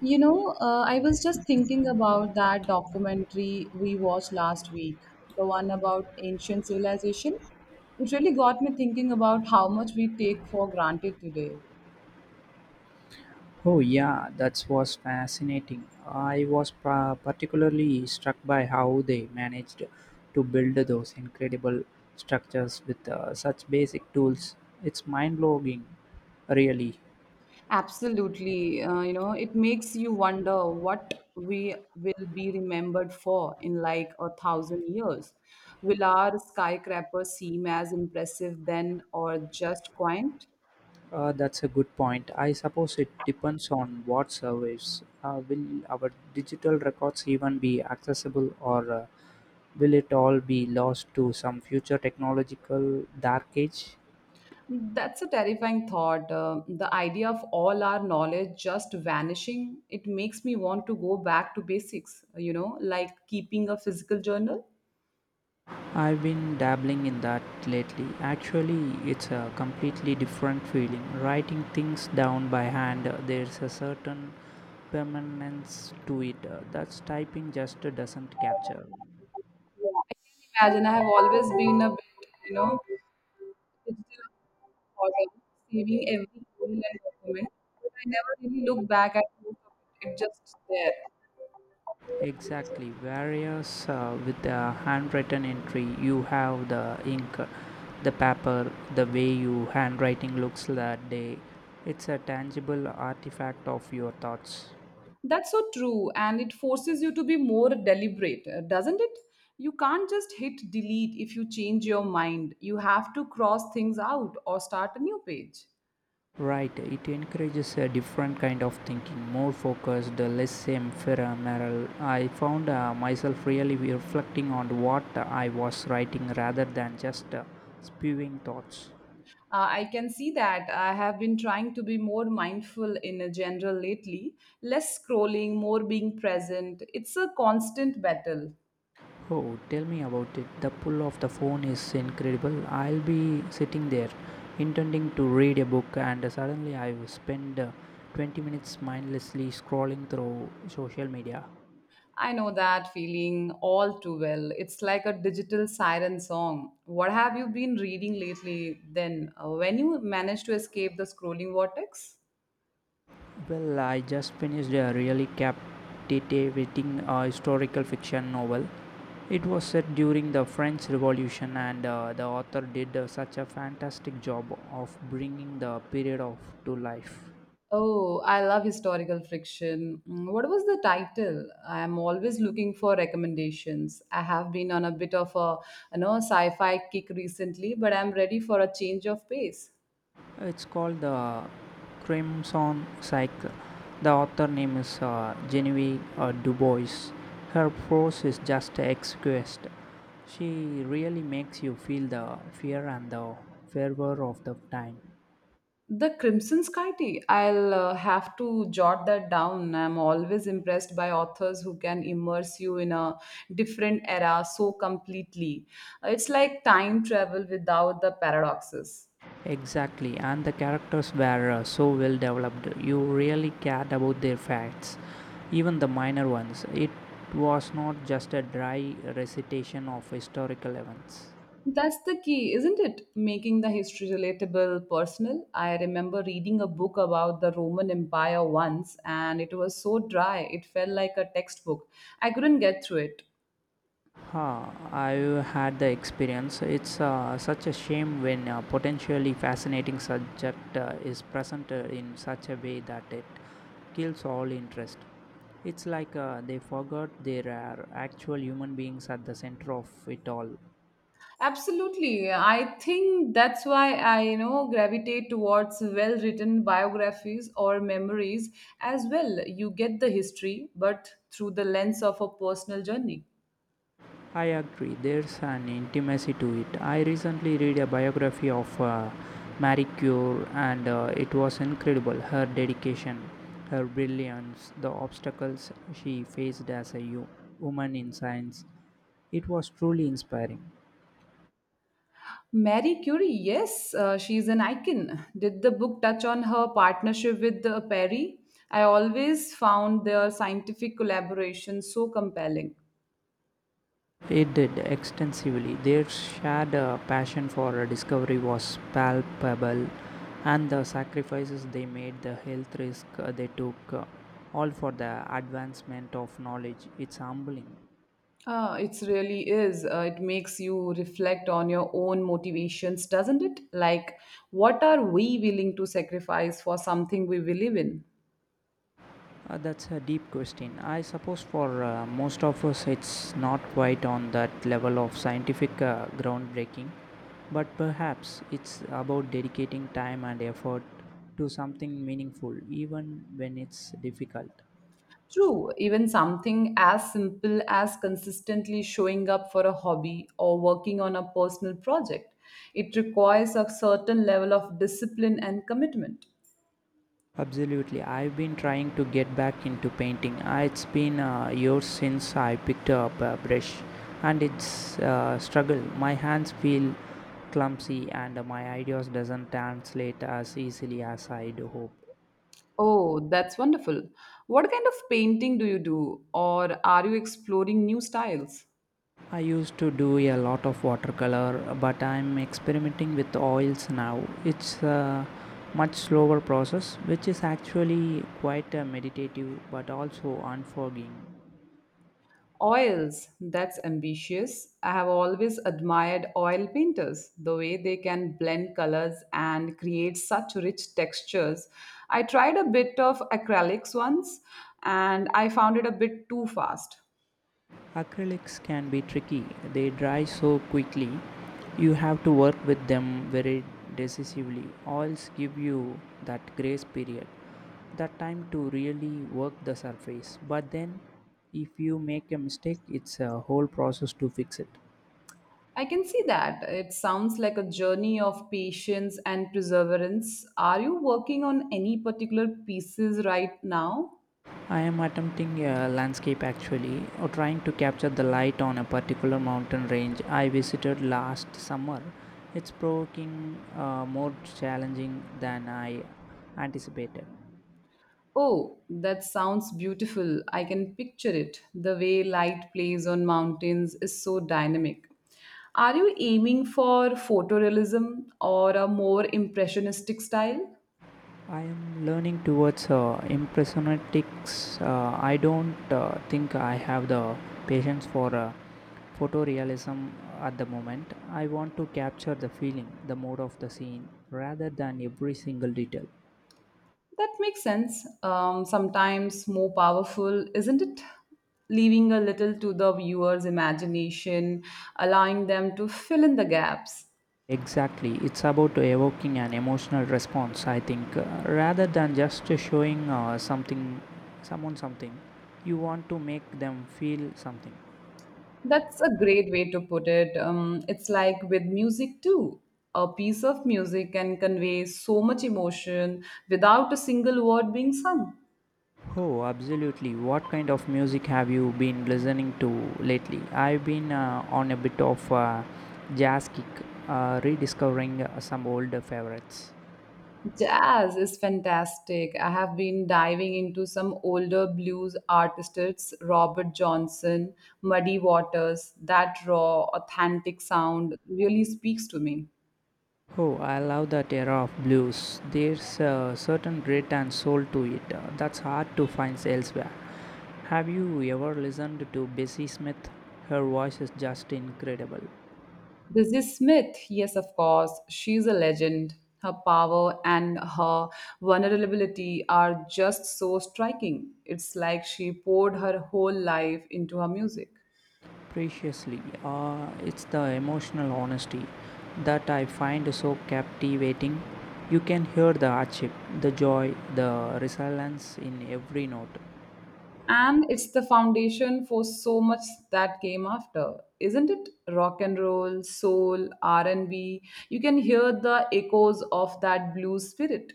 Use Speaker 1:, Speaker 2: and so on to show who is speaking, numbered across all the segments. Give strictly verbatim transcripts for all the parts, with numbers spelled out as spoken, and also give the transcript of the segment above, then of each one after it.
Speaker 1: You know, uh, I was just thinking about that documentary we watched last week, the one about ancient civilization. It really got me thinking about how much we take for granted today.
Speaker 2: Oh, yeah, that was fascinating. I was pa- particularly struck by how they managed to build those incredible structures with uh, such basic tools. It's mind blowing, really.
Speaker 1: Absolutely. Uh, you know, it makes you wonder what we will be remembered for in like a thousand years. Will our skyscrapers seem as impressive then or just quaint?
Speaker 2: Uh, that's a good point. I suppose it depends on what service. Uh, will our digital records even be accessible, or uh, will it all be lost to some future technological dark age?
Speaker 1: That's a terrifying thought. Uh, the idea of all our knowledge just vanishing, it makes me want to go back to basics, you know, like keeping a physical journal.
Speaker 2: I've been dabbling in that lately. Actually, it's a completely different feeling. Writing things down by hand, uh, there's a certain permanence to it uh, that's typing just doesn't capture.
Speaker 1: I can imagine I have always been a bit, you know, digital organ, saving every email and document, but I never really look back at most of it. It's just there.
Speaker 2: Exactly. Whereas uh, with the handwritten entry, you have the ink, uh, the paper, the way your handwriting looks that day. It's a tangible artifact of your thoughts.
Speaker 1: That's so true, and it forces you to be more deliberate, uh, doesn't it? You can't just hit delete if you change your mind. You have to cross things out or start a new page.
Speaker 2: Right, it encourages a different kind of thinking, more focused, less ephemeral. I found uh, myself really reflecting on what I was writing rather than just uh, spewing thoughts.
Speaker 1: Uh, I can see that. I have been trying to be more mindful in a general lately, less scrolling, more being present. It's a constant battle.
Speaker 2: Oh, tell me about it. The pull of the phone is incredible. I'll be sitting there, intending to read a book, and suddenly I spend uh, twenty minutes mindlessly scrolling through social media.
Speaker 1: I know that feeling all too well. It's like a digital siren song. What have you been reading lately then? Uh, When you managed to escape the scrolling vortex?
Speaker 2: Well, I just finished a really captivating uh, historical fiction novel. It was set during the French Revolution, and uh, the author did uh, such a fantastic job of bringing the period of to life.
Speaker 1: Oh, I love historical friction. Mm, what was the title? I am always looking for recommendations. I have been on a bit of a you know sci-fi kick recently, but I'm ready for a change of pace.
Speaker 2: It's called the Crimson Cycle. The author name is uh, Genevieve uh, Du Bois. Her prose is just exquisite. She really makes you feel the fear and the fervor of the time.
Speaker 1: The Crimson Sky Tea. I'll uh, have to jot that down. I'm always impressed by authors who can immerse you in a different era so completely. It's like time travel without the paradoxes.
Speaker 2: Exactly, and the characters were uh, so well developed. You really cared about their facts, even the minor ones. It was not just a dry recitation of historical events.
Speaker 1: That's the key, isn't it? Making the history relatable, personal. I remember reading a book about the Roman Empire once, and it was so dry, it felt like a textbook. I couldn't get through it.
Speaker 2: Ha, I've had the experience. It's uh, such a shame when a potentially fascinating subject uh, is presented in such a way that it kills all interest. It's like uh, they forgot there are actual human beings at the center of it all.
Speaker 1: Absolutely. I think that's why I, you know, gravitate towards well written biographies or memories as well. You get the history, but through the lens of a personal journey.
Speaker 2: I agree, there's an intimacy to it. I recently read a biography of uh, Marie Curie, and uh, it was incredible her dedication, her brilliance, the obstacles she faced as a yo- woman in science. It was truly inspiring.
Speaker 1: Marie Curie, yes, uh, she's an icon. Did the book touch on her partnership with uh, Perry? I always found their scientific collaboration so compelling.
Speaker 2: It did extensively. Their shared uh, passion for uh, discovery was palpable, and the sacrifices they made, the health risk uh, they took, uh, all for the advancement of knowledge. It's humbling.
Speaker 1: Ah, it really is. Uh, it makes you reflect on your own motivations, doesn't it? Like, what are we willing to sacrifice for something we believe in?
Speaker 2: Uh, that's a deep question. I suppose for uh, most of us, it's not quite on that level of scientific uh, groundbreaking, but perhaps it's about dedicating time and effort to something meaningful, even when it's difficult.
Speaker 1: True, even something as simple as consistently showing up for a hobby or working on a personal project. It requires a certain level of discipline and commitment.
Speaker 2: Absolutely. I've been trying to get back into painting. Uh, It's been uh, years since I picked up a brush, and it's a struggle. My hands feel clumsy, and my ideas doesn't translate as easily as I'd hope.
Speaker 1: Oh, that's wonderful. What kind of painting do you do, or are you exploring new styles?
Speaker 2: I used to do a lot of watercolor, but I'm experimenting with oils now. It's a much slower process, which is actually quite uh, meditative but also unforgiving.
Speaker 1: Oils, that's ambitious. I have always admired oil painters, the way they can blend colors and create such rich textures. I tried a bit of acrylics once and I found it a bit too fast.
Speaker 2: Acrylics can be tricky. They dry so quickly. You have to work with them very decisively. Oils give you that grace period, that time to really work the surface. But then, if you make a mistake, it's a whole process to fix it.
Speaker 1: I can see that. It sounds like a journey of patience and perseverance. Are you working on any particular pieces right now?
Speaker 2: I am attempting a landscape actually, or trying to capture the light on a particular mountain range I visited last summer. It's provoking, uh, more challenging than I anticipated.
Speaker 1: Oh, that sounds beautiful. I can picture it. The way light plays on mountains is so dynamic. Are you aiming for photorealism or a more impressionistic style?
Speaker 2: I am learning towards uh, impressionistics. Uh, I don't uh, think I have the patience for uh, photorealism at the moment. I want to capture the feeling, the mood of the scene, rather than every single detail.
Speaker 1: That makes sense. Um, sometimes more powerful, isn't it? Leaving a little to the viewer's imagination, allowing them to fill in the gaps.
Speaker 2: Exactly, it's about evoking an emotional response. I think, uh, rather than just showing uh, something, someone something, you want to make them feel something.
Speaker 1: That's a great way to put it. Um, it's like with music too. A piece of music can convey so much emotion without a single word being sung.
Speaker 2: Oh, absolutely. What kind of music have you been listening to lately? I've been uh, on a bit of a jazz kick, uh, rediscovering uh, some older favorites.
Speaker 1: Jazz is fantastic. I have been diving into some older blues artists, Robert Johnson, Muddy Waters. That raw, authentic sound really speaks to me.
Speaker 2: Oh, I love that era of blues. There's a certain grit and soul to it uh, that's hard to find elsewhere. Have you ever listened to Bessie Smith? Her voice is just incredible.
Speaker 1: Bessie Smith, yes, of course. She's a legend. Her power and her vulnerability are just so striking. It's like she poured her whole life into her music.
Speaker 2: Preciously. Uh, it's the emotional honesty that I find so captivating. You can hear the hardship, the joy, the resilience in every note.
Speaker 1: And it's the foundation for so much that came after, isn't it? Rock and roll, soul, R and B. You can hear the echoes of that blues spirit.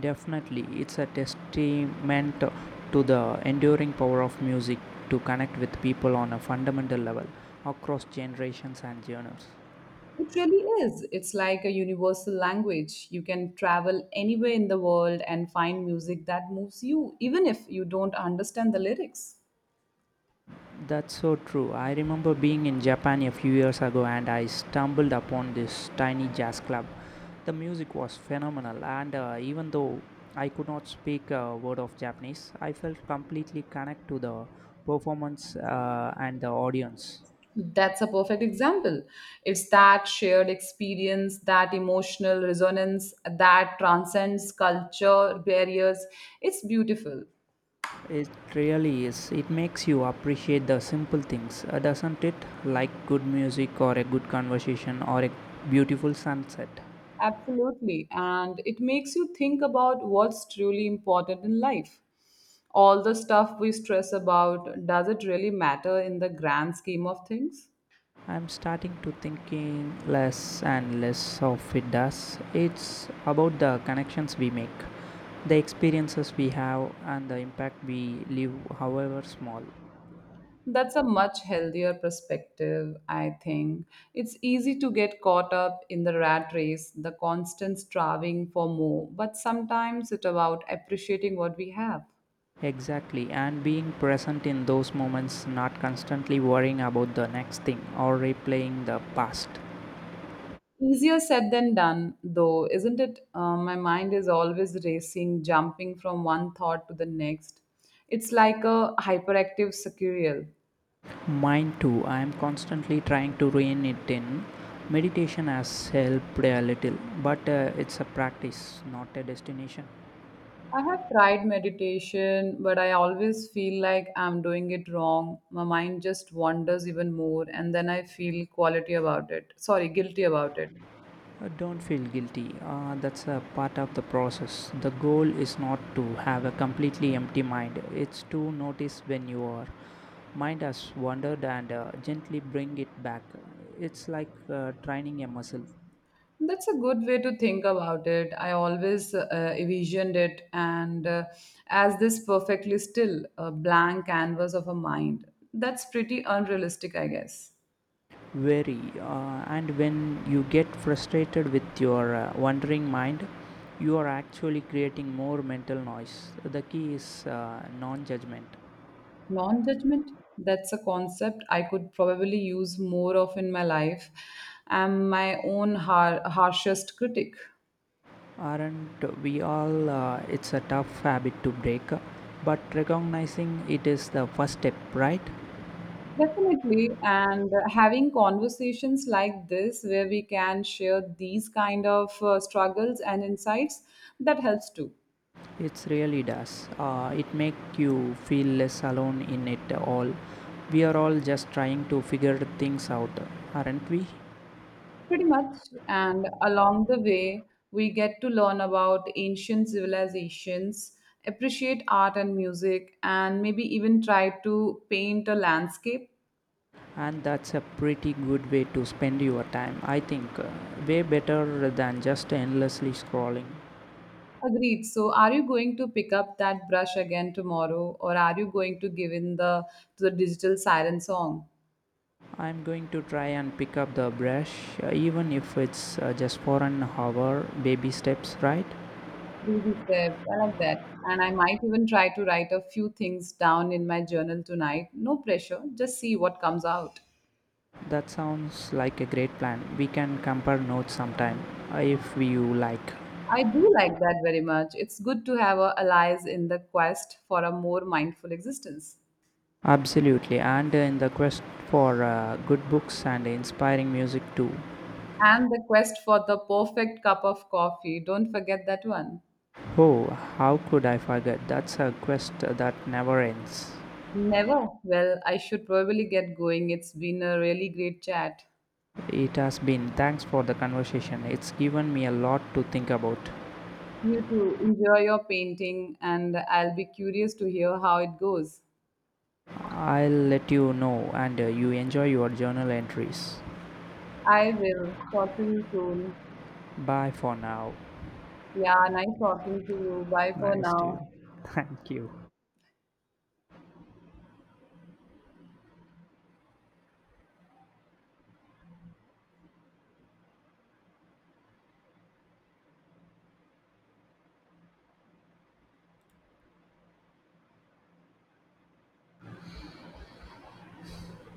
Speaker 2: Definitely, it's a testament to the enduring power of music to connect with people on a fundamental level across generations and genres.
Speaker 1: It really is. It's like a universal language. You can travel anywhere in the world and find music that moves you, even if you don't understand the lyrics.
Speaker 2: That's so true. I remember being in Japan a few years ago and I stumbled upon this tiny jazz club. The music was phenomenal, and uh, even though I could not speak a word of Japanese, I felt completely connected to the performance uh, and the audience.
Speaker 1: That's a perfect example. It's that shared experience, that emotional resonance that transcends culture barriers. It's beautiful.
Speaker 2: It really is. It makes you appreciate the simple things, uh, doesn't it? Like good music, or a good conversation, or a beautiful sunset.
Speaker 1: Absolutely. And it makes you think about what's truly important in life. All the stuff we stress about, does it really matter in the grand scheme of things?
Speaker 2: I'm starting to thinking less and less of it does. It's about the connections we make, the experiences we have, and the impact we leave, however small.
Speaker 1: That's a much healthier perspective, I think. It's easy to get caught up in the rat race, the constant striving for more, but sometimes it's about appreciating what we have.
Speaker 2: Exactly, and being present in those moments, not constantly worrying about the next thing or replaying the past.
Speaker 1: Easier said than done, though, isn't it? Uh, my mind is always racing, jumping from one thought to the next. It's like a hyperactive squirrel.
Speaker 2: Mine too, I am constantly trying to rein it in. Meditation has helped a little, but uh, it's a practice, not a destination.
Speaker 1: I have tried meditation, but I always feel like I'm doing it wrong. My mind just wanders even more, and then I feel quality about it. Sorry, guilty about it.
Speaker 2: Uh, Don't feel guilty. Uh, that's a part of the process. The goal is not to have a completely empty mind, it's to notice when your mind has wandered and uh, gently bring it back. It's like uh, training a muscle.
Speaker 1: That's a good way to think about it. I always uh, envisioned it, and uh, as this perfectly still, a blank canvas of a mind. That's pretty unrealistic, I guess.
Speaker 2: Very. Uh, and when you get frustrated with your uh, wandering mind, you are actually creating more mental noise. The key is uh, non judgment.
Speaker 1: Non judgment, that's a concept I could probably use more of in my life. I'm my own har- harshest critic.
Speaker 2: Aren't we all? Uh, it's a tough habit to break, but recognizing it is the first step, right?
Speaker 1: Definitely. And uh, having conversations like this, where we can share these kind of uh, struggles and insights, that helps too.
Speaker 2: It really does. Uh, it makes you feel less alone in it all. We are all just trying to figure things out, aren't we?
Speaker 1: Pretty much. And along the way, we get to learn about ancient civilizations, appreciate art and music, and maybe even try to paint a landscape.
Speaker 2: And that's a pretty good way to spend your time, I think. Uh, way better than just endlessly scrolling.
Speaker 1: Agreed. So, are you going to pick up that brush again tomorrow, or are you going to give in the to the digital siren song?
Speaker 2: I'm going to try and pick up the brush, uh, even if it's uh, just for an hour, baby steps, right?
Speaker 1: Baby steps. I like that. And I might even try to write a few things down in my journal tonight. No pressure. Just see what comes out.
Speaker 2: That sounds like a great plan. We can compare notes sometime if you like.
Speaker 1: I do like that very much. It's good to have a allies in the quest for a more mindful existence.
Speaker 2: Absolutely, and in the quest for uh, good books and inspiring music too.
Speaker 1: And the quest for the perfect cup of coffee. Don't forget that one.
Speaker 2: Oh, how could I forget? That's a quest that never ends.
Speaker 1: Never. Well, I should probably get going. It's been a really great chat.
Speaker 2: It has been. Thanks for the conversation. It's given me a lot to think about.
Speaker 1: You too. Enjoy your painting, and I'll be curious to hear how it goes.
Speaker 2: I'll let you know and uh, you enjoy your journal entries.
Speaker 1: I will. Talk to you soon.
Speaker 2: Bye for now.
Speaker 1: Yeah, nice talking to you. Bye for
Speaker 2: Nice to.
Speaker 1: now.
Speaker 2: Thank you.